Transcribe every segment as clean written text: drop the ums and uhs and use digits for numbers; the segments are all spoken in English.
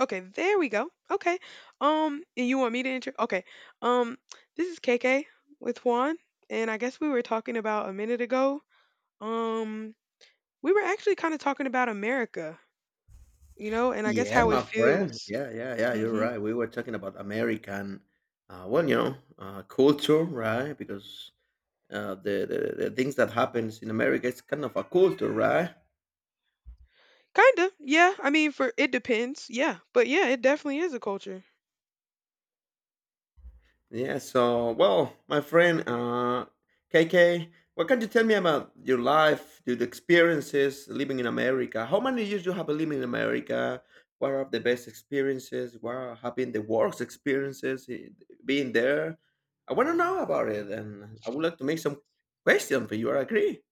Okay, there we go. Okay. And you want me to intro? Okay. Um, this is KK with Juan, and I guess we were talking about a minute ago. Um, we were actually kind of talking about America, you know, and I guess Yeah, how it my friend. feels. Yeah, yeah, yeah. You're Mm-hmm. right. We were talking about American, well, culture, right? Because the things that happens in America, it's kind of a culture, right? Kind of. Yeah. I mean, for it depends. Yeah. But yeah, it definitely is a culture. Yeah, so, well, my friend KK, what can you tell me about your life, your experiences living in America? How many years you have been living in America? What are the best experiences? What have been the worst experiences being there? I want to know about it, and I would like to make some questions for you. I agree.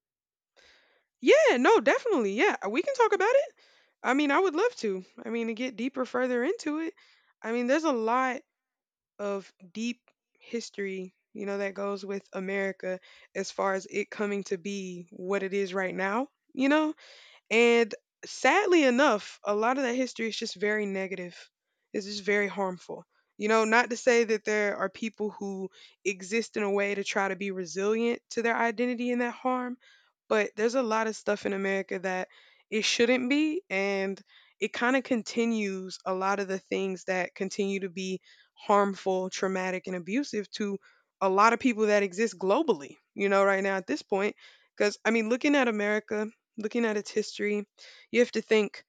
Yeah. No, definitely. Yeah. We can talk about it. I mean, I would love to. I mean, to get deeper further into it. I mean, there's a lot of deep history, you know, that goes with America as far as it coming to be what it is right now, you know? And sadly enough, a lot of that history is just very negative. It's just very harmful. You know, not to say that there are people who exist in a way to try to be resilient to their identity and that harm, but there's a lot of stuff in America that it shouldn't be. And it kind of continues a lot of the things that continue to be harmful, traumatic, and abusive to a lot of people that exist globally, you know, right now at this point. Because, I mean, looking at America, looking at its history, you have to think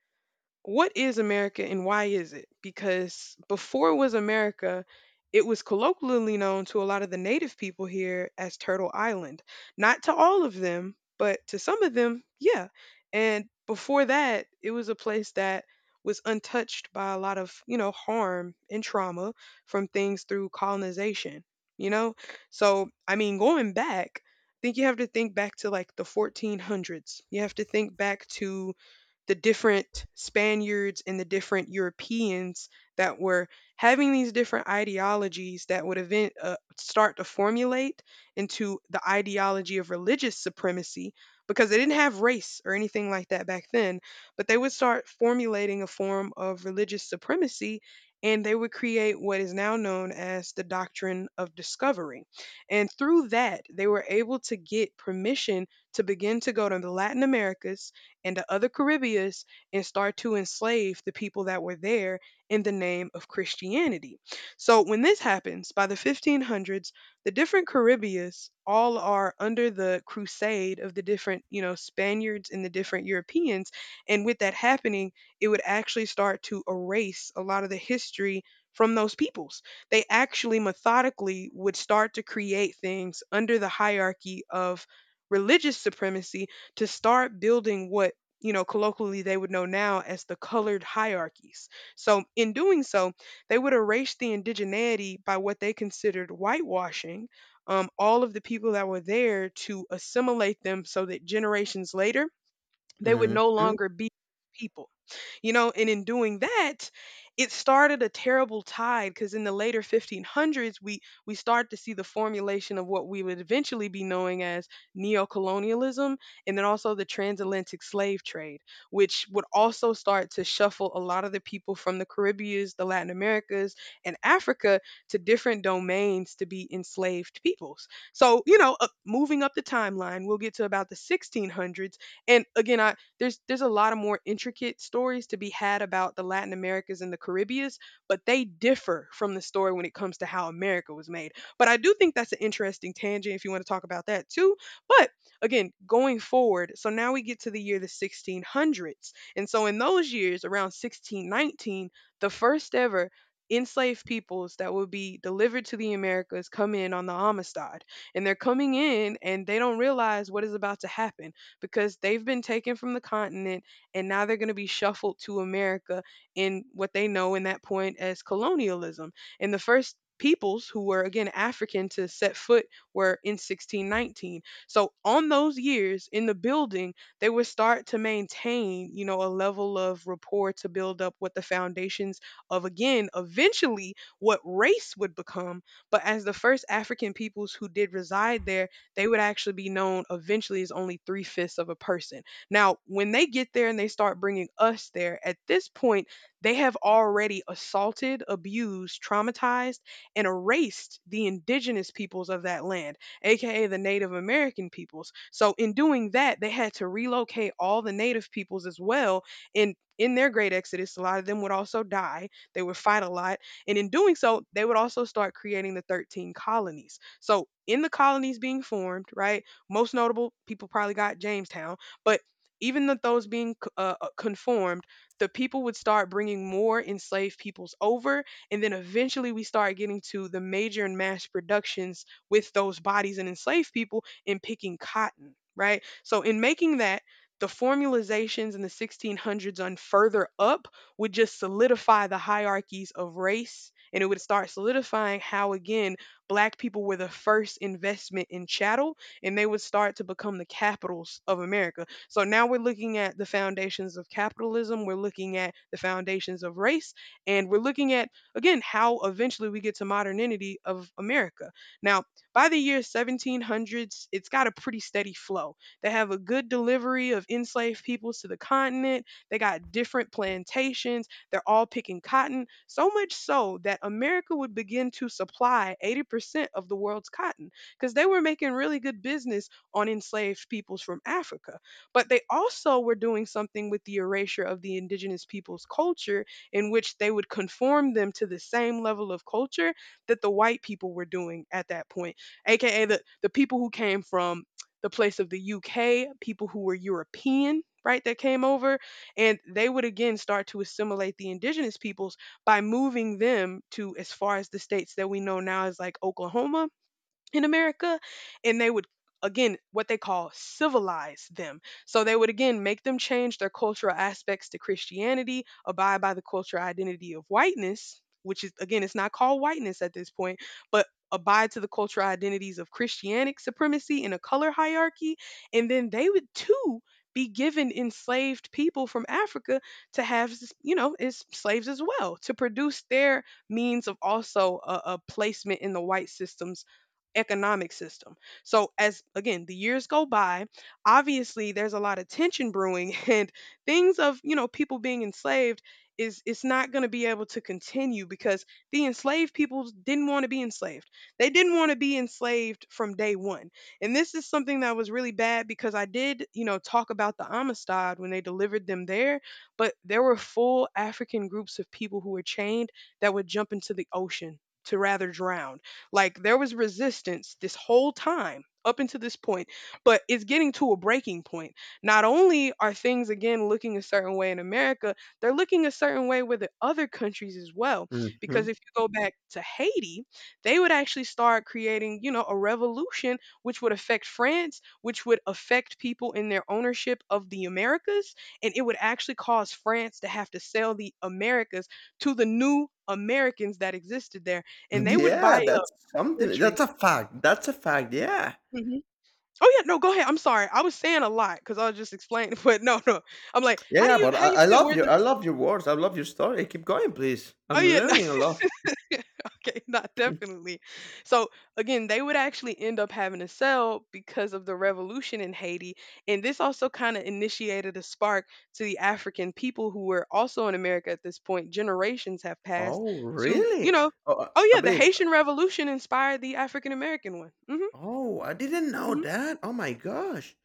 what is America and why is it? Because before it was America, it was colloquially known to a lot of the native people here as Turtle Island. Not to all of them, but to some of them, yeah. And before that, it was a place that was untouched by a lot of, you know, harm and trauma from things through colonization, you know? So, I mean, going back, I think you have to think back to like the 1400s. You have to think back to the different Spaniards and the different Europeans that were having these different ideologies that would start to formulate into the ideology of religious supremacy because they didn't have race or anything like that back then, but they would start formulating a form of religious supremacy and they would create what is now known as the doctrine of discovery. And through that, they were able to get permission to begin to go to the Latin Americas and the other Caribbeans and start to enslave the people that were there in the name of Christianity. So when this happens by the 1500s, the different Caribbeans all are under the crusade of the different, you know, Spaniards and the different Europeans. And with that happening, it would actually start to erase a lot of the history from those peoples. They actually methodically would start to create things under the hierarchy of religious supremacy to start building what, you know, colloquially they would know now as the colored hierarchies. So, in doing so, they would erase the indigeneity by what they considered whitewashing all of the people that were there to assimilate them so that generations later they would Hmm. no longer be people. You know, and in doing that, it started a terrible tide because in the later 1500s, we start to see the formulation of what we would eventually be knowing as neocolonialism, and then also the transatlantic slave trade, which would also start to shuffle a lot of the people from the Caribbeans, the Latin Americas, and Africa to different domains to be enslaved peoples. So, you know, moving up the timeline, we'll get to about the 1600s. And again, there's a lot of more intricate stories to be had about the Latin Americas and the Caribbeans, but they differ from the story when it comes to how America was made. But I do think that's an interesting tangent if you want to talk about that too. But again, going forward, so now we get to the year the 1600s. And so in those years around 1619, the first ever enslaved peoples that would be delivered to the Americas come in on the Amistad. And they're coming in and they don't realize what is about to happen because they've been taken from the continent and now they're going to be shuffled to America in what they know in that point as colonialism. And the first peoples who were again African to set foot were in 1619. So on those years in the building, they would start to maintain, you know, a level of rapport to build up what the foundations of again eventually what race would become. But as the first African peoples who did reside there, they would actually be known eventually as only three-fifths of a person. Now, when they get there and they start bringing us there, at this point, they have already assaulted, abused, traumatized, and erased the indigenous peoples of that land, aka the Native American peoples. So, in doing that, they had to relocate all the Native peoples as well. And in their great exodus, a lot of them would also die. They would fight a lot, and in doing so, they would also start creating the 13 colonies. So, in the colonies being formed, right? Most notable people probably got Jamestown, but even with those being conformed, the people would start bringing more enslaved peoples over. And then eventually we start getting to the major and mass productions with those bodies and enslaved people in picking cotton, right? So, in making that, the formalizations in the 1600s on further up would just solidify the hierarchies of race, and it would start solidifying how again black people were the first investment in chattel and they would start to become the capitals of America. So now we're looking at the foundations of capitalism, we're looking at the foundations of race, and we're looking at again how eventually we get to modernity of America. Now, by the year 1700s, it's got a pretty steady flow. They have a good delivery of enslaved peoples to the continent, they got different plantations. They're all picking cotton, so much so that America would begin to supply 80% of the world's cotton because they were making really good business on enslaved peoples from Africa. But they also were doing something with the erasure of the indigenous people's culture, in which they would conform them to the same level of culture that the white people were doing at that point, aka the people who came from the place of the UK, people who were European, right, that came over, and they would again start to assimilate the indigenous peoples by moving them to as far as the states that we know now as like Oklahoma in America, and they would again what they call civilize them. So they would again make them change their cultural aspects to Christianity, abide by the cultural identity of whiteness, which is again it's not called whiteness at this point, but abide to the cultural identities of Christianic supremacy in a color hierarchy, and then they would too be given enslaved people from Africa to have, you know, as slaves as well, to produce their means of also a placement in the white systems economic system. So as again, the years go by, obviously there's a lot of tension brewing and things of, you know, people being enslaved is it's not going to be able to continue because the enslaved people didn't want to be enslaved. They didn't want to be enslaved from day 1. And this is something that was really bad because I did, you know, talk about the Amistad when they delivered them there, but there were full African groups of people who were chained that would jump into the ocean to rather drown. Like there was resistance this whole time up until this point, but it's getting to a breaking point. Not only are things again looking a certain way in America, they're looking a certain way with the other countries as well. Hmm. Because if you go back to Haiti, they would actually start creating, you know, a revolution which would affect France, which would affect people in their ownership of the Americas, and it would actually cause France to have to sell the Americas to the new Americans that existed there, and they would Yeah, buy up that's something. Surgery. That's a fact. That's a fact. Yeah. Mhm. Oh yeah, no, go ahead. I'm sorry. I was saying a lot because I was just explaining, but no, no. I'm like, Yeah, how do yeah, you but how do you I feel? love Where your the... I love your words. I love your story. Keep going, please. Oh I'm yeah, no. learning a lot. Okay, not definitely. So again, they would actually end up having to sell because of the revolution in Haiti, and this also kind of initiated a spark to the African people who were also in America at this point. Generations have passed, Oh, to you really? know. Oh, I Oh I yeah, the believe. Haitian Revolution inspired the African American one. Hmm. Oh, I didn't know Hmm. that. Oh my gosh.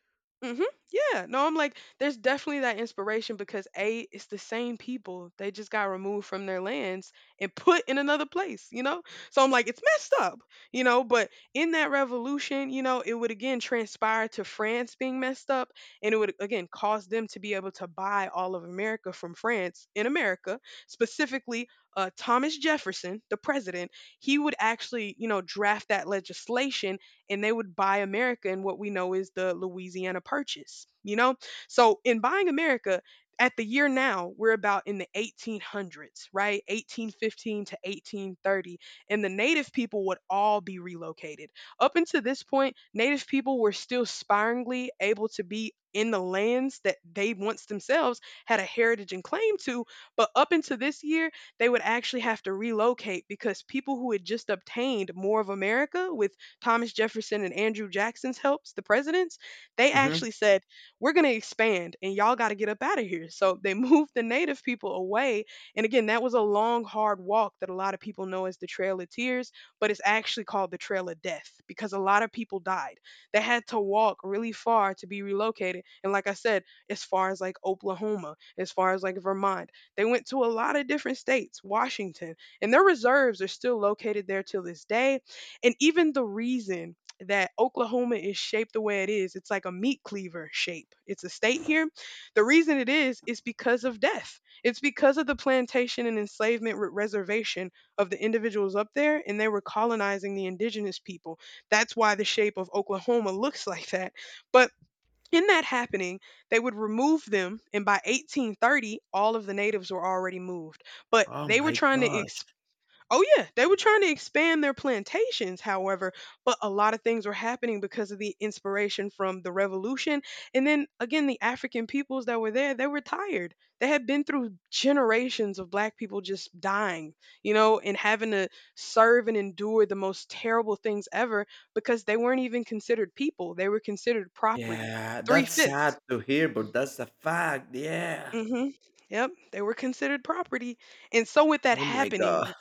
Mhm. Yeah. No, I'm like, there's definitely that inspiration because A, it's the same people. They just got removed from their lands and put in another place, you know? So I'm like, it's messed up, you know? But in that revolution, you know, it would again transpire to France being messed up, and it would again cause them to be able to buy all of America from France in America, specifically Thomas Jefferson, the president, he would actually, you know, draft that legislation, and they would buy America in what we know is the Louisiana Purchase, you know? So in buying America, at the year now, we're about in the 1800s, right? 1815 to 1830. And the native people would all be relocated. Up until this point, native people were still sparingly able to be in the lands that they once themselves had a heritage and claim to. But up until this year, they would actually have to relocate because people who had just obtained more of America with Thomas Jefferson and Andrew Jackson's helps, the presidents, they Hmm. actually said, we're going to expand and y'all got to get up out of here. So they moved the native people away. And again, that was a long, hard walk that a lot of people know as the Trail of Tears, but it's actually called the Trail of Death because a lot of people died. They had to walk really far to be relocated. And like I said, as far as like Oklahoma, as far as like Vermont, they went to a lot of different states, Washington, and their reserves are still located there till this day. And even the reason that Oklahoma is shaped the way it is, it's like a meat cleaver shape. It's a state here. The reason it is because of death. It's because of the plantation and enslavement reservation of the individuals up there, and they were colonizing the indigenous people. That's why the shape of Oklahoma looks like that. But in that happening, they would remove them, and by 1830, all of the natives were already moved. But Oh they were my trying to— gosh. Oh yeah, they were trying to expand their plantations, however, but a lot of things were happening because of the inspiration from the revolution. And then again, the African peoples that were there, they were tired. They had been through generations of black people just dying, you know, and having to serve and endure the most terrible things ever because they weren't even considered people. They were considered property. Yeah, Three that's sad fifths. to hear, but that's a fact. Yeah. Mm-hmm. Yep. They were considered property. And so with that Oh my god. happening,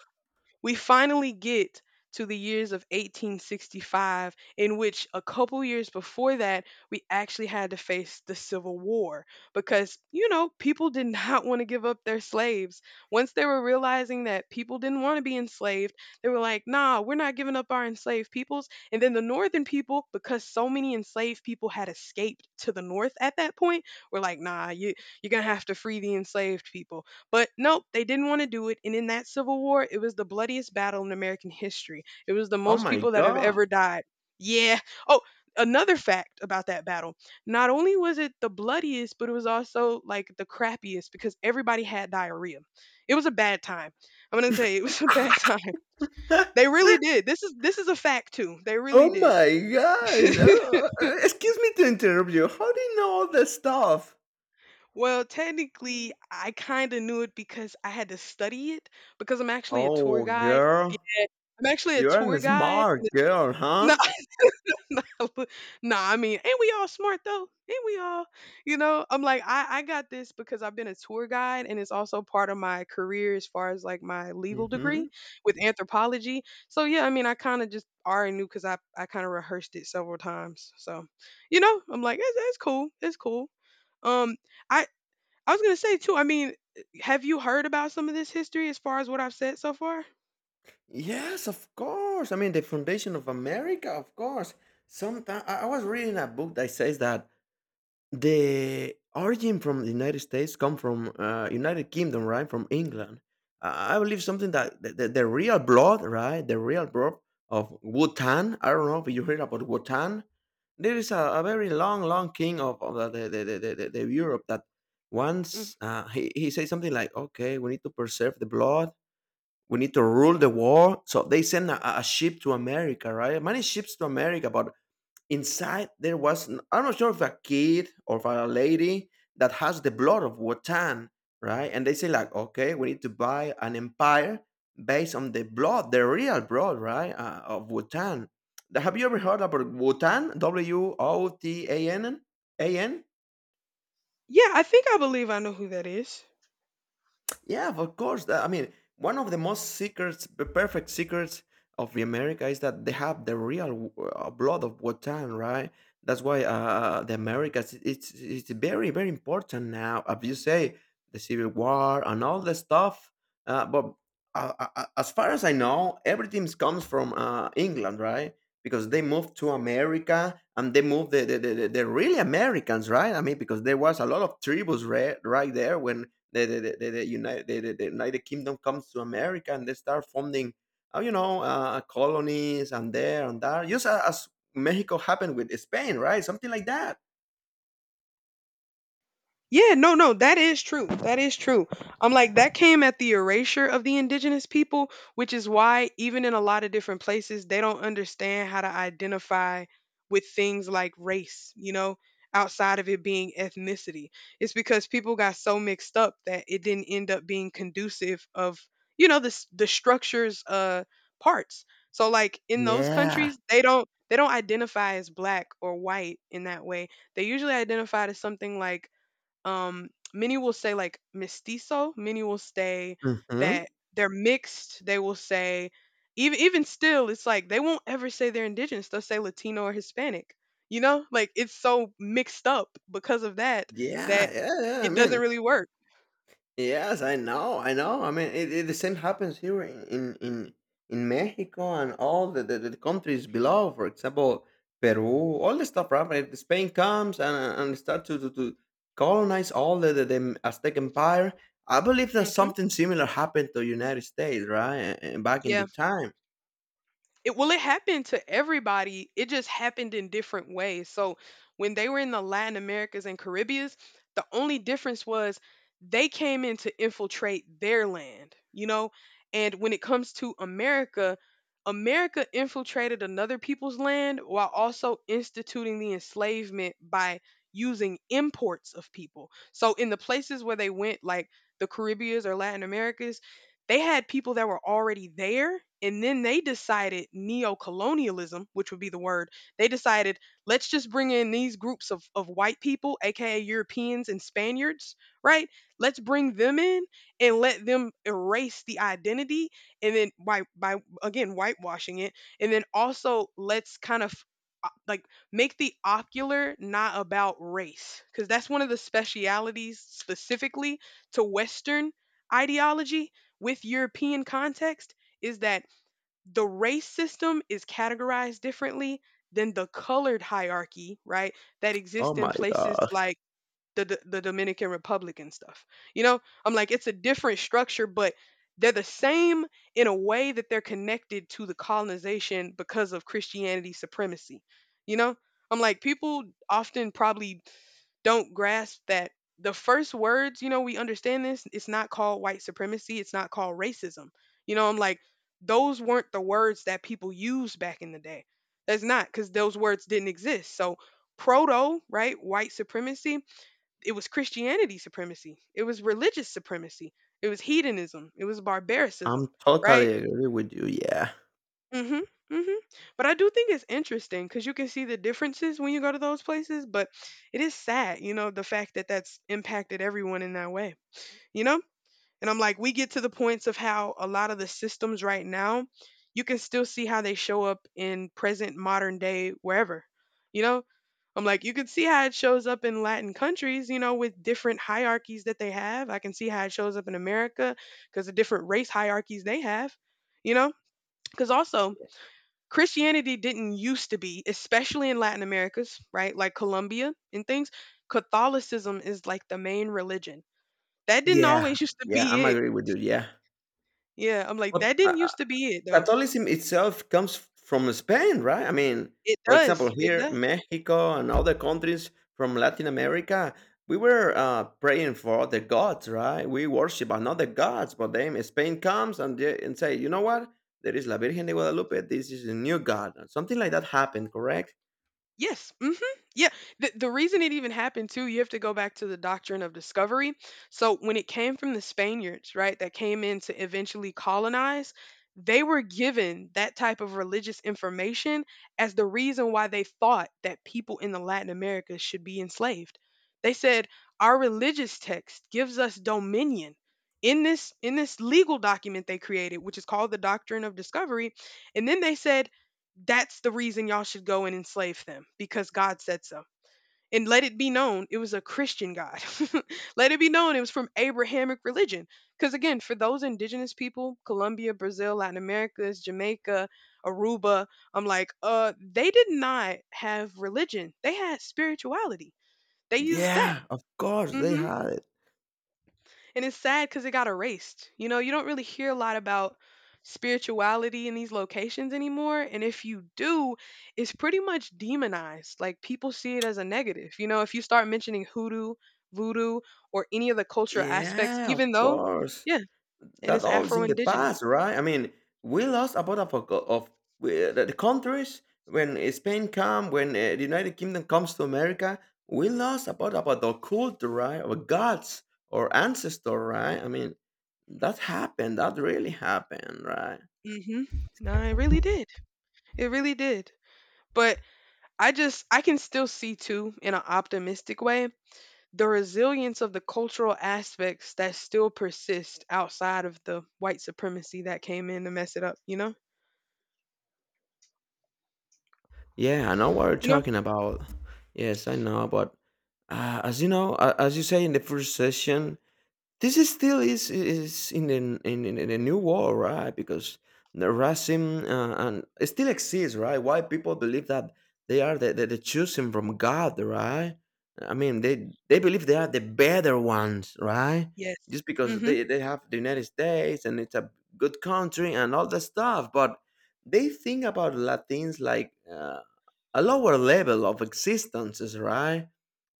we finally get to the years of 1865, in which a couple years before that, we actually had to face the Civil War because, you know, people did not want to give up their slaves. Once they were realizing that people didn't want to be enslaved, they were like, nah, we're not giving up our enslaved peoples. And then the northern people, because so many enslaved people had escaped to the north at that point, were like, nah, you, you're going to have to free the enslaved people. But nope, they didn't want to do it. And in that Civil War, it was the bloodiest battle in American history. It was the Oh most my people that have god. ever died. Yeah. Oh, another fact about that battle. Not only was it the bloodiest, but it was also like the crappiest because everybody had diarrhea. It was a bad time. I'm going to tell you, it was a bad time. They really did. This is a fact too. They really Oh did. my gosh. Oh, excuse me to interrupt you. How do you know all this stuff? Well, technically, I kind of knew it because I had to study it because I'm actually a tour Oh, guide. girl, I'm actually a you are tour a guide, and smart it's girl, no, huh? no, no. I mean, ain't we all smart though? Ain't we all? You know, I'm like, I got this because I've been a tour guide, and it's also part of my career as far as like my legal Hmm. degree with anthropology. So yeah, I mean, I kind of just already knew because I kind of rehearsed it several times. So, you know, I'm like, it's cool, it's cool. Um, I, I was gonna say too. I mean, have you heard about some of this history as far as what I've said so far? Yes, of course. I mean, the foundation of America, of course. Sometimes I was reading a book that says that the origin from the United States come from United Kingdom, right? From England. I believe something that the real blood, right? The real blood of Wotan. I don't know if you heard about Wotan. There is a very long, long king of the Europe that Mm. once he says something like, okay, we need to preserve the blood, we need to rule the war. So they sent a ship to America, right? Many ships to America, but inside there was I'm not sure if a kid or if a lady that has the blood of Wotan, right? And they say like, okay, we need to buy an empire based on the blood, the real blood, right, of Wotan. Have you ever heard about Wotan? W O T A N A N? Yeah, I think I believe I know who that is. Yeah, of course. I mean, one of the most secrets, the perfect secrets of the America is that they have the real blood of Wotan, right? That's why the Americas it's very very important now. As you say, the Civil War and all the stuff. But as far as I know, everything comes from England, right? Because they moved to America and they moved the really Americans, right? I mean, because there was a lot of tribes right there when the United Kingdom comes to America and they start funding, colonies and there, just as Mexico happened with Spain, right? Something like that. Yeah, no, no, that is true. That is true. I'm like, that came at the erasure of the indigenous people, which is why, even in a lot of different places, they don't understand how to identify with things like race, you know, outside of it being ethnicity. It's because people got so mixed up that it didn't end up being conducive of, you know, the structure's parts. So, like, in those Yeah. countries, they don't. They don't identify as black or white in that way. They usually identify as something like many will say like mestizo. Many will say Hmm. Hmm. that they're mixed. They will say even still, it's like they won't ever say they're indigenous. They'll say Latino or Hispanic. You know, like it's so mixed up because of that Yeah, that yeah, yeah. I it doesn't mean, really work. yes, I know, I know. I mean, the same happens here in Mexico and all the countries below. For example, Peru, all the stuff. Right? If Spain comes and start to colonize all the Aztec Empire, I believe that Hmm. something similar happened to United States, right? And back in Yeah. the time. It— well, it happened to everybody. It just happened in different ways. So when they were in the Latin Americas and Caribbeans, the only difference was they came in to infiltrate their land, you know? And when it comes to America, America infiltrated another people's land while also instituting the enslavement by using imports of people. So in the places where they went, like the Caribbeans or Latin Americas, they had people that were already there, and then they decided neo-colonialism, which would be the word. They decided, let's just bring in these groups of white people, aka Europeans and Spaniards, right? Let's bring them in and let them erase the identity, and then by again whitewashing it, and then also let's kind of like make the ocular not about race because that's one of the specialities specifically to western ideology with European context is that the race system is categorized differently than the colored hierarchy, right? That Oh exists in my places God, like the Dominican Republic and stuff. You know, I'm like it's a different structure, but they're the same in a way that they're connected to the colonization because of Christianity supremacy. You know, I'm like people often probably don't grasp that the first words, you know, we understand this, it's not called white supremacy, it's not called racism. You know, I'm like, those weren't the words that people used back in the day. That's not because those words didn't exist. So, proto, right, white supremacy, it was Christianity supremacy, it was religious supremacy, it was hedonism, it was I'm barbaricism, right? totally agree with you. Yeah, Mhm, mhm. But I do think it's interesting because you can see the differences when you go to those places. But it is sad, you know, the fact that that's impacted everyone in that way, you know. And I'm like, we get to the points of how a lot of the systems right now, you can still see how they show up in present modern day wherever, you know. I'm like, you can see how it shows up in Latin countries, you know, with different hierarchies that they have. I can see how it shows up in America because the different race hierarchies they have, you know, because also Christianity didn't used to be, especially in Latin Americas, right? Like Colombia and things. Catholicism is like the main religion. That didn't yeah, always used to yeah. be I'm it. agree with you. Yeah. Yeah, I'm like, But that didn't used to be it though. Catholicism itself comes from Spain, right? I mean, It for example, does. It here, does. Mexico and other countries from Latin America, we were praying for other gods, right? We worship another gods, but then Spain comes and say, you know what? There is La Virgen de Guadalupe. This is a new god. Something like that happened, correct? Yes. Hmm. Yeah. The reason it even happened too, you have to go back to the doctrine of discovery. So when it came from the Spaniards, right, that came in to eventually colonize, they were given that type of religious information as the reason why they thought that people in the Latin America should be enslaved. They said our religious text gives us dominion. In this legal document they created, which is called the Doctrine of Discovery, and then they said that's the reason y'all should go and enslave them because God said so. And let it be known it was a Christian God. Let it be known it was from Abrahamic religion. Because again, for those indigenous people, Colombia, Brazil, Latin America, Jamaica, Aruba, I'm like, they did not have religion. They had spirituality. They used that. Yeah, of course they Hmm. had it. And it's sad because it got erased. You know, you don't really hear a lot about spirituality in these locations anymore. And if you do, it's pretty much demonized. Like people see it as a negative. You know, if you start mentioning hoodoo, voodoo, or any of the cultural aspects, Yeah, of even though, course. yeah, and That it's all is Afro in the Indigenous. past, right? I mean, we lost a lot of the countries when Spain come, when the United Kingdom comes to America. We lost about the culture, right? Our gods or ancestor, right? I mean, that happened. That really happened, right? Hmm. No, it really did. It really did. But I just, I can still see too in an optimistic way the resilience of the cultural aspects that still persist outside of the white supremacy that came in to mess it up? Yeah, I know what you're You know? talking about. Yes, I know, but as you know, as you say in the first session, this is still is in the new world, right? Because the racism and it still exists, right? Why people believe that they are the chosen from God, right? I mean, they believe they are the better ones, right? Yes. Just because Mhm. they have the United States and it's a good country and all that stuff, but they think about Latins like a lower level of existences, right?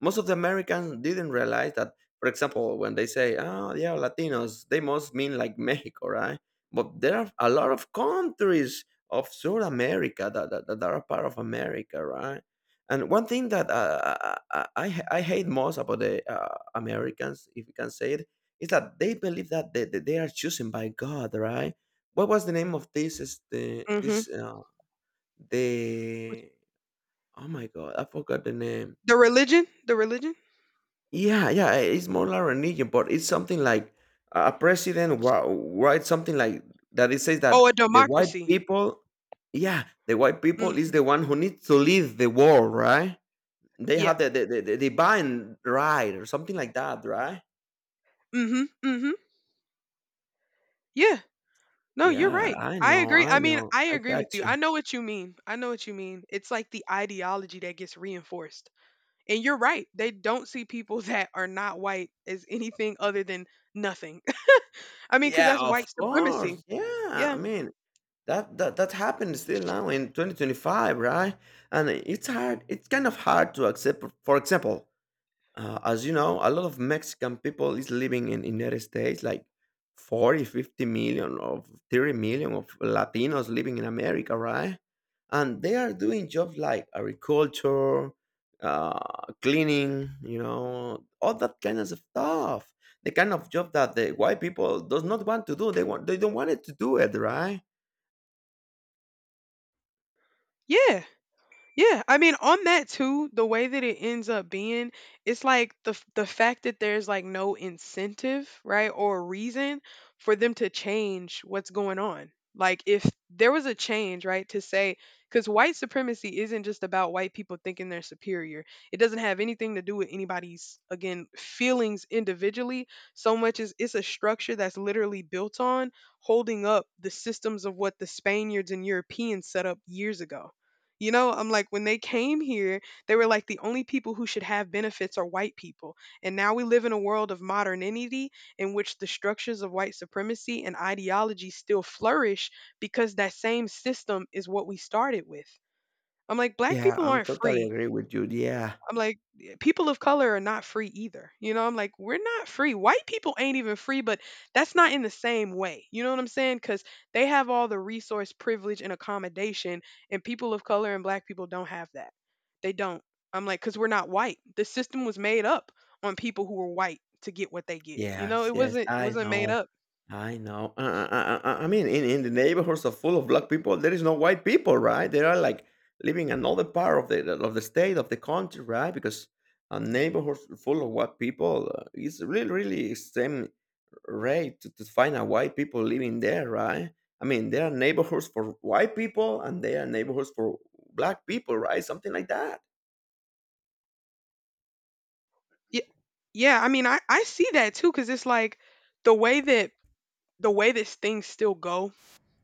Most of the Americans didn't realize that, for example, when they say, oh, yeah, Latinos, they must mean like Mexico, right? But there are a lot of countries of South America that are part of America, right? And one thing that I hate most about the Americans, if you can say it, is that they believe that they are chosen by God, right? What was the name of this? Is the Mhm. this the Oh my god, I forgot the name. The religion? Yeah, yeah, it's more like religion, but it's something like a president writes something like that. It says Oh, that a the white democracy. people, yeah, the white people is Mhm. the one who needs to lead the world, right? They Yeah. have the divine right or something like that, right? Mhm. Mhm. Yeah. No, you're Yeah, right. I I know, agree. I I mean, know, I I agree with got you. you. I know what you mean. I know what you mean. It's like the ideology that gets reinforced. And you're right. They don't see people that are not white as anything other than nothing. I mean, cuz Yeah, that's of white supremacy. course. Yeah, I Yeah. mean that happened still now in 2025, right? And it's hard. It's kind of hard to accept. For example, as you know, a lot of Mexican people is living in United States, like 40, 50 million, or 30 million of Latinos living in America, right? And they are doing jobs like agriculture, uh, cleaning, all that kind of stuff. The kind of job that the white people does not want to do. They don't want it to do it, right? Yeah, yeah. I mean, on that too, the way that it ends up being, it's like the fact that there's like no incentive, right, or reason for them to change what's going on. Like if there was a change, right, to say because white supremacy isn't just about white people thinking they're superior. It doesn't have anything to do with anybody's again feelings individually. So much as it's a structure that's literally built on holding up the systems of what the Spaniards and Europeans set up years ago, you know, I'm like, when they came here, they were like, the only people who should have benefits are white people. And now we live in a world of modernity in which the structures of white supremacy and ideology still flourish because that same system is what we started with. I'm like, black Yeah, people I'm aren't totally free. agree with you. Yeah. I'm like, "Yeah, people of color are not free either. You know, I'm like, we're not free. White people ain't even free, but that's not in the same way. You know what I'm saying? Because they have all the resource, privilege, and accommodation, and people of color and black people don't have that. They don't. I'm like, because we're not white. The system was made up on people who were white to get what they get. You know, Yes, it yes, wasn't. It I wasn't made know. up. I know. I mean, in the neighborhoods are full of black people, there is no white people, right? They are like living another part of the state of the country, right? Because a neighborhood full of white people is really really extreme rate to find a white people living there, right? I mean, there are neighborhoods for white people and there are neighborhoods for black people, right? Something like that. Yeah, yeah. I mean, I see that too, because it's like the way that the way this things still go,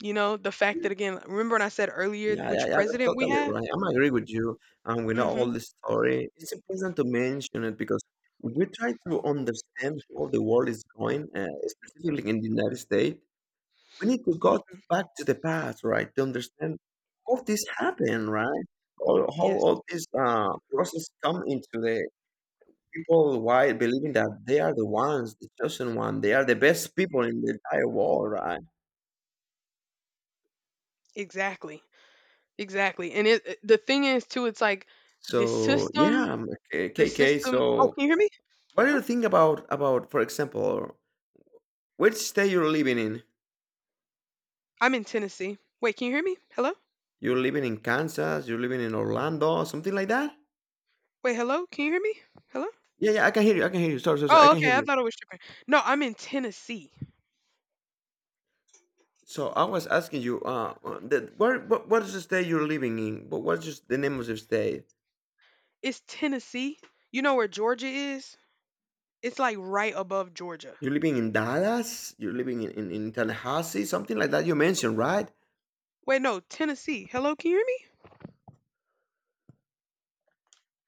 you know, the fact that again, remember when I said earlier Yeah, yeah, which yeah, that's president we totally have? right. I'm agree with you. And we know all Mhm. the story. It's important to mention it because we try to understand how the world is going, specifically in the United States. We need to go Mhm. back to the past, right, to understand how this happened, right? Or how Yes. all this process come into the people, why believing that they are the ones, the chosen one, they are the best people in the entire world, right? Exactly. Exactly. And the thing is too it's like the So yeah, system, okay, the KK. system. Oh, So can you hear me? what do Oh, you think about, for example, which state you're living in? I'm in Tennessee. Wait, can you hear me? Hello? You're living in Kansas, you're living in Orlando, something like that? Wait, hello? Can you hear me? Hello? Yeah, yeah, I can hear you. I can hear you. Sorry, sorry, sorry. I Oh, can hear okay. I you. thought it was tripping. No, I'm in Tennessee. So I was asking you, what is the state you're living in? But what's just the name of the state? It's Tennessee. You know where Georgia is? It's like right above Georgia. You're living in Dallas? You're living in, Tallahassee? Something like that you mentioned, right? Wait, no, Tennessee. Hello, can you hear me?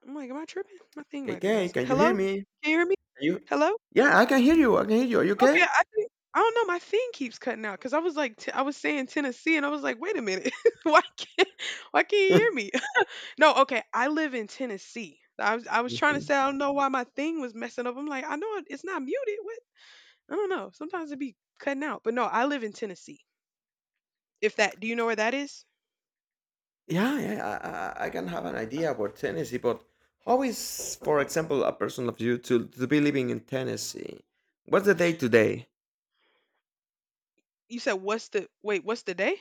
I'm like, "Am I tripping? My thing Okay, might be okay, messing. can you hear Hello? me? Can you hear me? Can you? Hello? Yeah, I can hear you. I can hear you. Are you Okay, okay? I think I don't know, my thing keeps cutting out. Cause I was like t I was saying Tennessee and I was like, "Wait a minute." Why can't you hear me?" No, okay, I live in Tennessee. I was trying to say I don't know why my thing was messing up. I'm like, "I know it's not muted. What?" I don't know. Sometimes it be cutting out. But no, I live in Tennessee. If that, do you know where that is? Yeah, yeah, I can have an idea about Tennessee, but how is, for example, a person of you to be living in Tennessee? What's the day today? You said what's what's the day?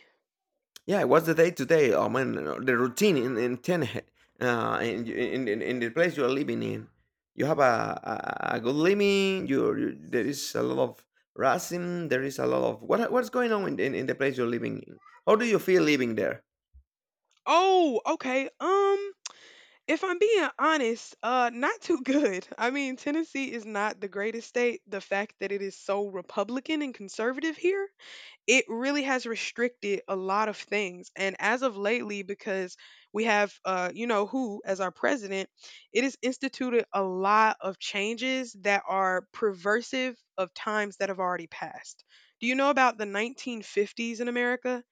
Yeah, what's the day today? I mean, the routine in Tennessee, in, in the place you are living in. You have a good living. There is a lot of racism. There is a lot of what's going on in the place you're living in. How do you feel living there? Oh, okay. If I'm being honest, not too good. I mean, Tennessee is not the greatest state. The fact that it is so Republican and conservative here, it really has restricted a lot of things. And as of lately, because we have, you know, who as our president, it has instituted a lot of changes that are perversive of times that have already passed. Do you know about the 1950s in America?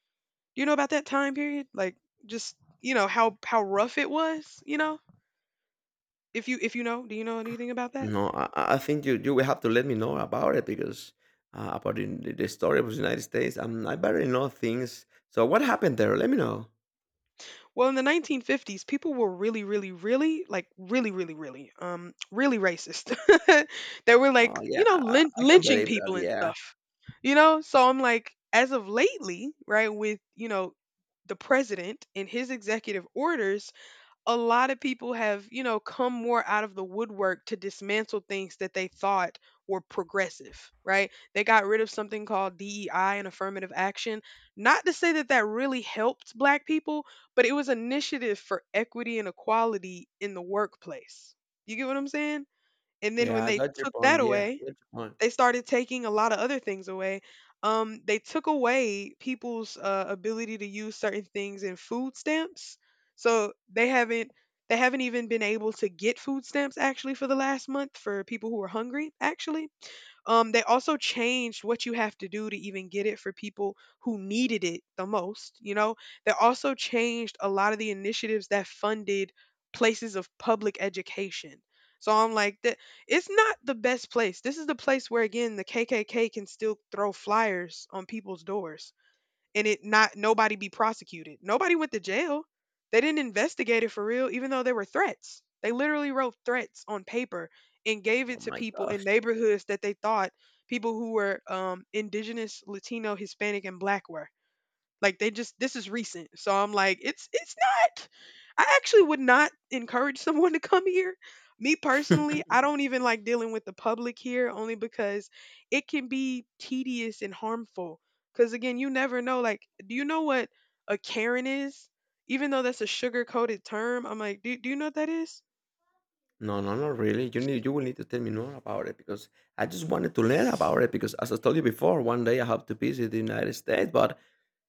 Do you know about that time period? Like, just you know how rough it was, you know, if you know, do you know anything about that? No, I think you will have to let me know about it because about the story of the United States. I barely know things. So what happened there? Let me know. Well, in the 1950s, people were really, really, really, like really, really, really, really racist. They were Oh like, yeah, you know, I can lynching believe that. people and Yeah, stuff. You know, so I'm like, as of lately, right, with you know, the president and his executive orders, a lot of people have, you know, come more out of the woodwork to dismantle things that they thought were progressive, right? They got rid of something called DEI and affirmative action. Not to say that that really helped black people, but it was an initiative for equity and equality in the workplace. You get what I'm saying? And then when yeah, I they got your took that point. Yeah, I away, got your point. they started taking a lot of other things away. They took away people's ability to use certain things in food stamps. So they haven't even been able to get food stamps actually for the last month for people who are hungry actually. They also changed what you have to do to even get it for people who needed it the most. You know, they also changed a lot of the initiatives that funded places of public education. So I'm like that it's not the best place. This is the place where again the KKK can still throw flyers on people's doors and it not nobody be prosecuted. Nobody went to jail. They didn't investigate it for real, even though there were threats. They literally wrote threats on paper and gave Oh it to my people in gosh. neighborhoods that they thought people who were indigenous, Latino, Hispanic, and black were. Like they just this is recent. So I'm like, it's not. I actually would not encourage someone to come here. Me personally, I don't even like dealing with the public here only because it can be tedious and harmful. Cuz again, you never know like do you know what a Karen is? Even though that's a sugar-coated term, I'm like, do you know what that is? No, no, not really. You will need to tell me more about it because I just wanted to learn about it because, as I told you before, one day I have to visit the United States. But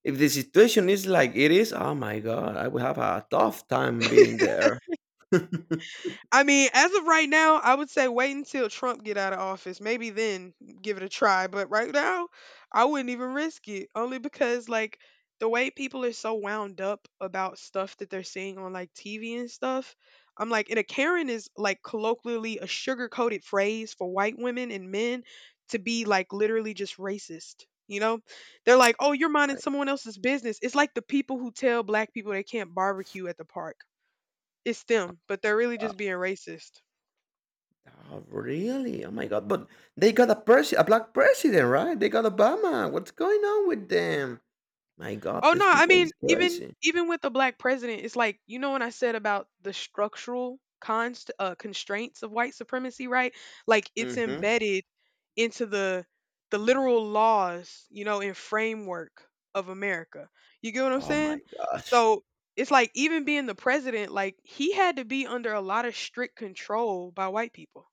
if the situation is like it is, oh my god, I will have a tough time being there. I mean, as of right now, I would say wait until Trump get out of office. Maybe then give it a try. But right now, I wouldn't even risk it. Only because like the way people are so wound up about stuff that they're seeing on like TV and stuff. I'm like, and a Karen is like colloquially a sugar coated phrase for white women and men to be like literally just racist. You know, they're like, oh, you're minding someone else's business. It's like the people who tell black people they can't barbecue at the park. It's them, but they're really My— just being racist. oh, really? Oh my God! But they got a presi a black president, right? They got Obama. What's going on with them? My God, Oh no, these I people mean is even crazy. even with the black president, it's like you know when I said about the structural constraints of white supremacy, right? Like it's hmm embedded into the literal laws, you know, and framework of America. You get what I'm Oh my saying? gosh. So it's like even being the president, like he had to be under a lot of strict control by white people.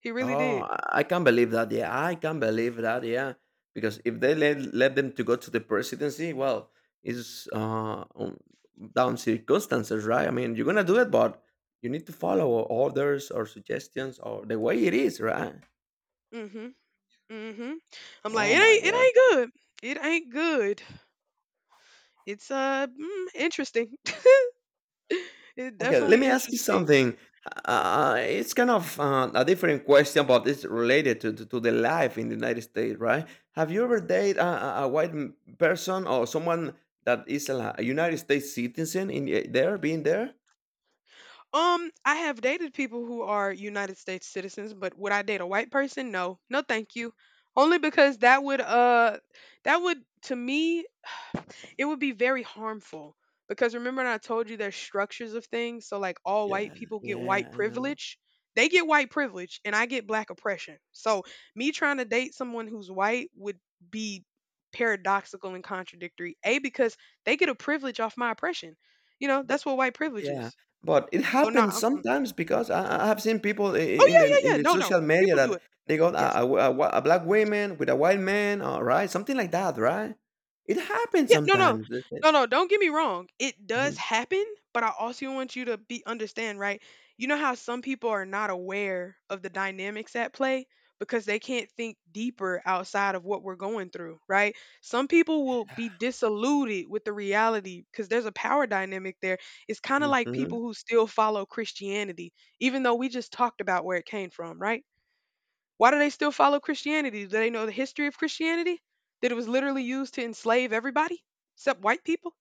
He really Oh, did. I can't believe that. Yeah, I can't believe that. Yeah, because if they let them to go to the presidency, well, it's on- down circumstances, right? I mean, you're gonna do it, but you need to follow orders or suggestions or the way it is, right? hmm Mhm. I'm like, Oh my— it ain't good. It ain't good. It's interesting. It's okay, let definitely me ask you interesting. something. It's kind of a different question, but it's related to, to the life in the United States, right? Have you ever dated a person, or someone that is a United States citizen in there, being there? I have dated people who are United States citizens, but would I date a white person? No. No, thank you. Only because that would to me it would be very harmful because remember when I told you there's structures of things. So like all white Yeah, people get white yeah, I know. privilege. They get white privilege and I get black oppression. So me trying to date someone who's white would be paradoxical and contradictory. A because they get a privilege off my oppression. You know, But that's what white privilege yeah, is. but it So no. Nah, happens mm-mm. sometimes because I have seen people Oh in, yeah, in yeah, in yeah. the No, no. social media People do that it. they got Yes. A black woman with a white man, all right, something like that, right? It happens Yeah, no, no, sometimes. That's it. no, no. Don't get me wrong. It does happen, but I also want you to be understand, right? You know how some people are not aware of the dynamics at play because they can't think deeper outside of what we're going through, right? Some people will be disillusioned with the reality because there's a power dynamic there. It's kind of like Mhm. people who still follow Christianity, even though we just talked about where it came from, right? Why do they still follow Christianity? Do they know the history of Christianity? That it was literally used to enslave everybody except white people?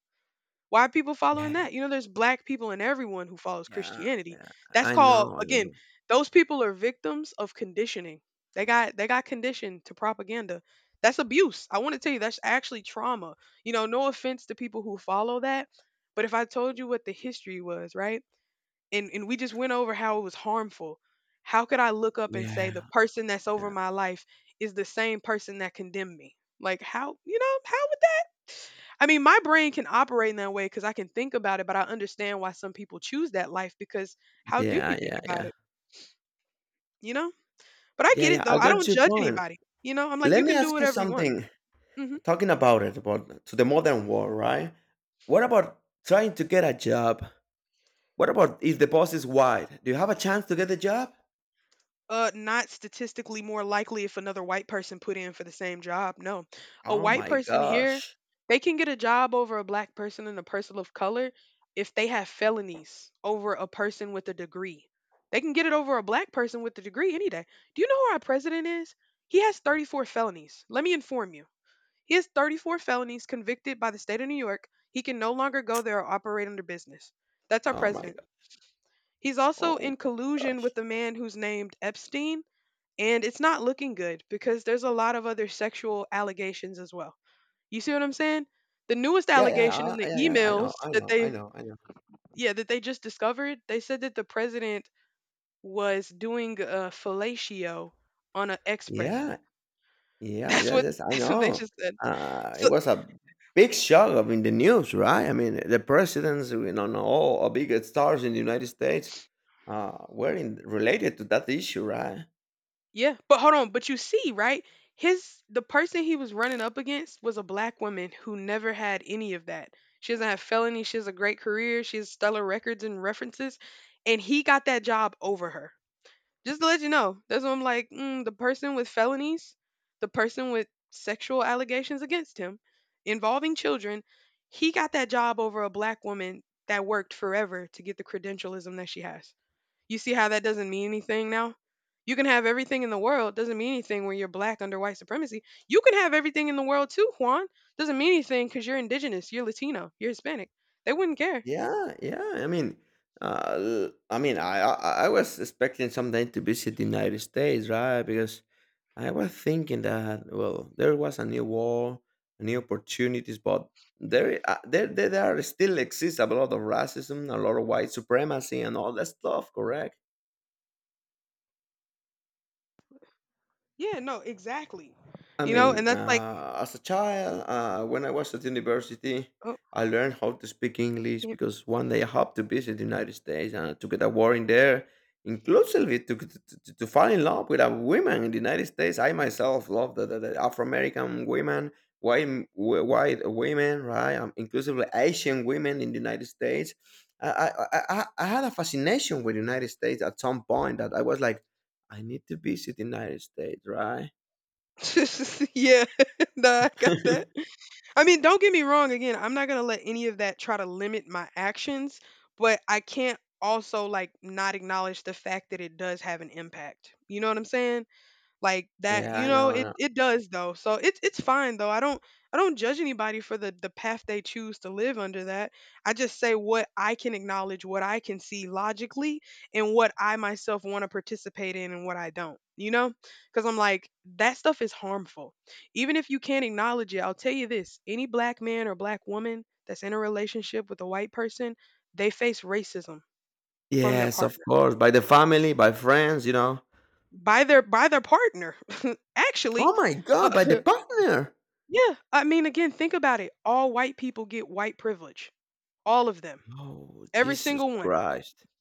Why are people following Yeah, that? You know, there's black people and everyone who follows yeah, Christianity. yeah. That's I called know, I again, know. those people are victims of conditioning. They got conditioned to propaganda. That's abuse. I want to tell you that's actually trauma. You know, no offense to people who follow that, but if I told you what the history was, right? And we just went over how it was harmful. How could I look up and say Yeah, the person that's over yeah. my life is the same person that condemned me? Like how, you know, how would that I mean, my brain can operate in that way cuz I can think about it, but I understand why some people choose that life because how do you Yeah, think yeah, about yeah. it, you know? But I Yeah, get it yeah, though. I I got don't your judge point. anybody. You know, I'm like you Let me can do ask you whatever you want. something, Mhm. talking about it, about to the modern world, right? What about trying to get a job? What about if the boss is white? Do you have a chance to get the job? Not statistically more likely if another white person put in for the same job. No. A Oh white my person here, gosh. they can get a job over a black person and a person of color if they have felonies over a person with a degree. They can get it over a black person with a degree any day. Do you know who our president is? He has 34 felonies. Let me inform you. He has 34 felonies convicted by the state of New York. He can no longer go there or operate under business. That's our Oh my president. god. He's also Oh in my collusion with gosh. a man who's named Epstein, and it's not looking good because there's a lot of other sexual allegations as well. You see what I'm saying? The newest Yeah, yeah, allegation in the I emails, know, I that know, I they know, I know. yeah, that they just discovered, they said that the president was doing a fellatio on an Yeah. ex-president. Yeah, That's yes, what yes, I that's what they know. just said. It So was a big shock of in the news, right? I mean, the presidents, you know, and all our big stars in the United States were in, related to that issue, right? Yeah, but hold on, but you see, right? His The person he was running up against was a black woman who never had any of that. She doesn't have felony, she has a great career, she has stellar records and references, and he got that job over her. Just to let you know, that's what I'm like, the person with felonies, the person with sexual allegations against him involving children, he got that job over a black woman that worked forever to get the credentialism that she has. You see how that doesn't mean anything now? You can have everything in the world, doesn't mean anything when you're black under white supremacy. You can have everything in the world too, Juan. Doesn't mean anything because you're indigenous, you're Latino, you're Hispanic. They wouldn't care. Yeah, yeah. I mean, I mean, I was expecting someday to visit the United States, right? Because I was thinking that, well, there was a new war, new opportunities, but there, there, there still exists a lot of racism, a lot of white supremacy, and all that stuff. Correct? Yeah, no, exactly. I You know, mean, and that's like, as a child, when I was at university, oh, I learned how to speak English yeah, because one day I had to visit the United States and I took it a war in there, inclusively to, to fall in love with a woman in the United States. I myself love the Afro American women, white women, right? Inclusively Asian women in the United States. I had a fascination with the United States at some point that I was like, I need to visit the United States, right? yeah, nah, I got that. I mean, don't get me wrong. Again, I'm not gonna let any of that try to limit my actions, but I can't also like not acknowledge the fact that it does have an impact. You know what I'm saying? Like that, Yeah, I know, I it know. it does though, so it's fine though. I don't judge anybody for the path they choose to live under that. I just say what I can, acknowledge what I can see logically, and what I myself want to participate in and what I don't, because I'm like that stuff is harmful even if you can't acknowledge it. I'll tell you this, any black man or black woman that's in a relationship with a white person, they face racism from their Yes, of partner, course, by the family, by friends, you know. by their partner, actually. Oh my Uh, god, by the partner! Yeah, I mean, again, think about it. All white people get white privilege. All of them. Oh, Every Jesus single one. Christ.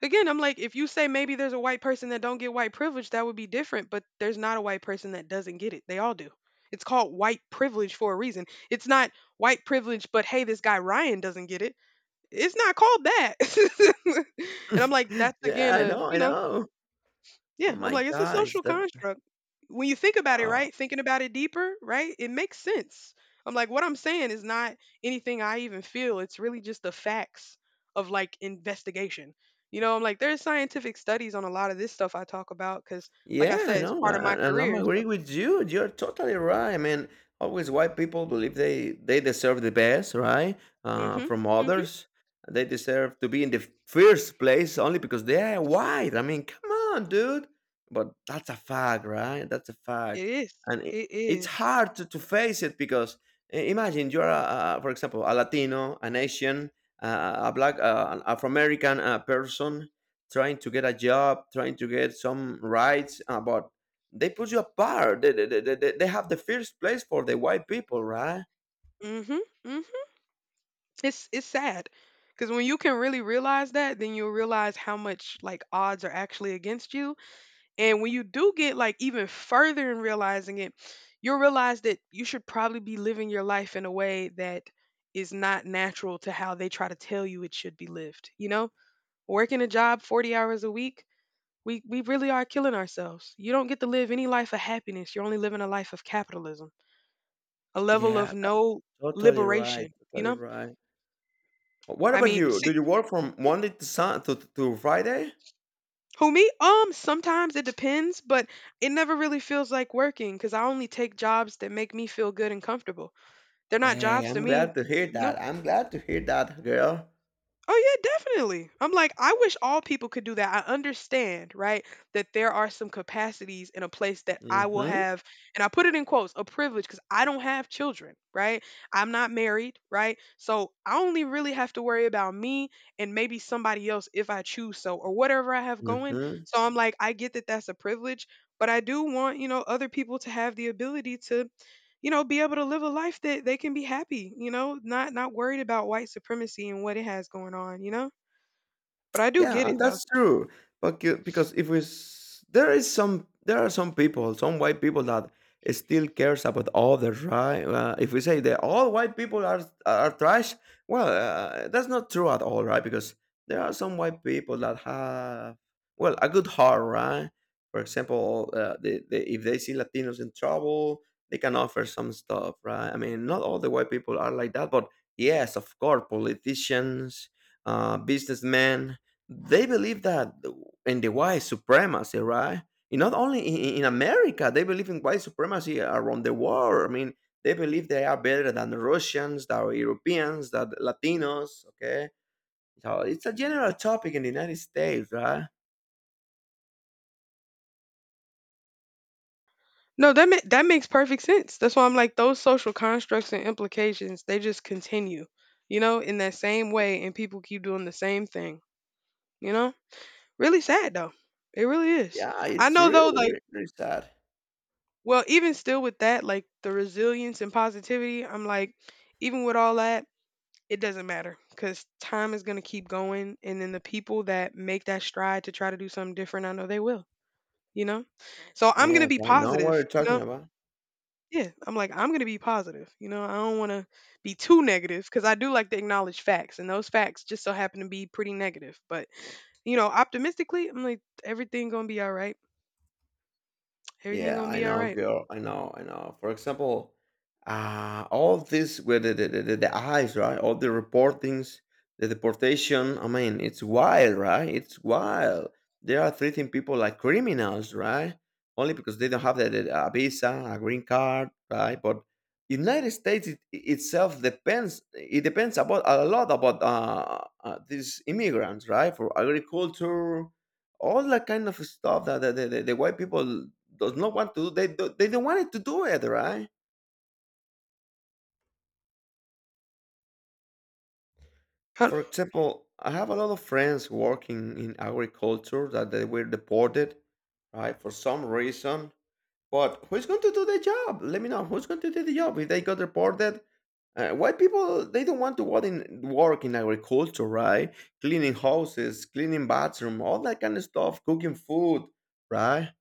Again, I'm like, if you say maybe there's a white person that don't get white privilege, that would be different, but there's not a white person that doesn't get it. They all do. It's called white privilege for a reason. It's not white privilege, but hey, this guy Ryan doesn't get it. It's not called that. And I'm like, that's Yeah, again I a, know, I know. yeah, Oh I'm my like, it's a gosh, social that, construct. When you think about it, uh right? Thinking about it deeper, right? It makes sense. I'm like, what I'm saying is not anything I even feel. It's really just the facts of like investigation. You know, I'm like, there's scientific studies on a lot of this stuff I talk about because, like I Yeah, I said, it's know, part a of my and I'm career. So, agree with you. You're totally right. I mean, always white people believe they deserve the best, right? Mm-hmm, From mm-hmm. others, they deserve to be in the first place only because they are white. I mean, come on, dude. But that's a fact, right? That's a fact, It is. and it, It it's is. hard to face it because imagine you're, a, for example, a Latino, an Asian, a black, an Afro American person trying to get a job, trying to get some rights, but they put you apart. They have the first place for the white people, right? Mm-hmm, mm-hmm. It's sad because when you can really realize that, then you'll realize how much like odds are actually against you. And when you do get like even further in realizing it, you'll realize that you should probably be living your life in a way that is not natural to how they try to tell you it should be lived. You know, working a job 40 hours a week, we really are killing ourselves. You don't get to live any life of happiness. You're only living a life of capitalism, a level of Yeah, no totally right. liberation. You Totally know, right. What I about mean, you? Do see, you work from Monday to to Friday? who me? Sometimes it depends, but it never really feels like working because I only take jobs that make me feel good and comfortable. They're not Hey, jobs to I'm me, glad to hear you know? that. I'm glad to hear that, girl. Oh yeah, definitely. I'm like, I wish all people could do that. I understand, right? That there are some capacities in a place that I will Mm-hmm. have, and I put it in quotes, a privilege because I don't have children, right? I'm not married, right? So I only really have to worry about me and maybe somebody else if I choose so or whatever I have going. Mm-hmm. So I'm like, I get that that's a privilege, but I do want, other people to have the ability to be able to live a life that they can be happy, not worried about white supremacy and what it has going on, you know? But I do Yeah, get and it though. that's true. But because if there is some, there are some people, some white people that still cares about others, right? If we say that all white people are trash, well, that's not true at all, right? Because there are some white people that have, well, a good heart, right? For example, they, if they see Latinos in trouble, they can offer some stuff, right? I mean, not all the white people are like that, but yes, of course, politicians, businessmen, they believe that in the white supremacy, right? And not only in America, they believe in white supremacy around the world. I mean, they believe they are better than the Russians, than Europeans, than Latinos. Okay, so it's a general topic in the United States, right? No, that makes perfect sense. That's why I'm like those social constructs and implications, they just continue, you know, in that same way and people keep doing the same thing, you know? Really sad though. It really is. Yeah, I it's know though, really, like, really, really sad. well, even still with that, like, the resilience and positivity, I'm like, even with all that, it doesn't matter because time is going to keep going. And then the people that make that stride to try to do something different, I know they will, you know? So I'm going to Yes, be I know what positive, you're you know? talking about. Yeah, I'm like, I'm going to be positive. You know, I don't want to be too negative because I do like to acknowledge facts. And those facts just so happen to be pretty negative. But, you know, optimistically, I'm like, everything going to be all right. Everything Yeah, going to I be all know, right. girl. I know, I know. For example, all this with the eyes, right? All the reportings, the deportation. I mean, it's wild, right? It's wild. They are treating people like criminals, right? Only because they don't have a visa, a green card, right? But United States itself depends. It depends about a lot about these immigrants, right? For agriculture, all that kind of stuff that the white people does not want to do, they don't want to do it, right? Huh? For example, I have a lot of friends working in agriculture that they were deported, right, for some reason. But who's going to do the job? Let me know, who's going to do the job if they got deported? White people, they don't want to work in agriculture, right? Cleaning houses, cleaning bathroom, all that kind of stuff, cooking food, right?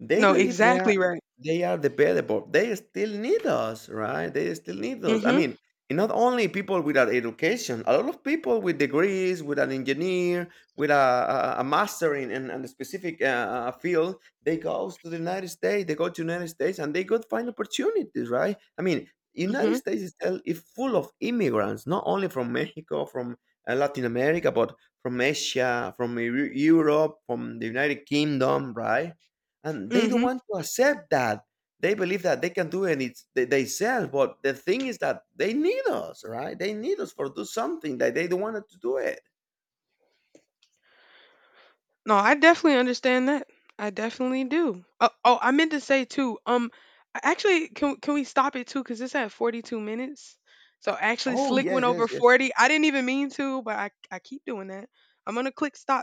They No, believe they exactly are right. The debatable. They still need us, right? They still need Mm us. I hmm. mean, and not only people without education, a lot of people with degrees, with an engineer, with a master in, in a specific field, they go to the United States, they go to United States, and they go find opportunities, right? I mean, United Mm States itself is full of immigrants, not only from Mexico, from Latin America, but from Asia, from Europe, from the United Kingdom, right? And they don't hmm. want to accept that. They believe that they can do it and it's they sell, but the thing is that they need us, right? They need us for do something that they don't want to do it. No, I definitely understand that. I definitely do. Oh, oh, I meant to say too. Actually, can we stop it too? Because it's at 42 minutes. So actually, Oh, Slick went yes, over yes, yes. 40. I didn't even mean to, but I keep doing that. I'm gonna click stop.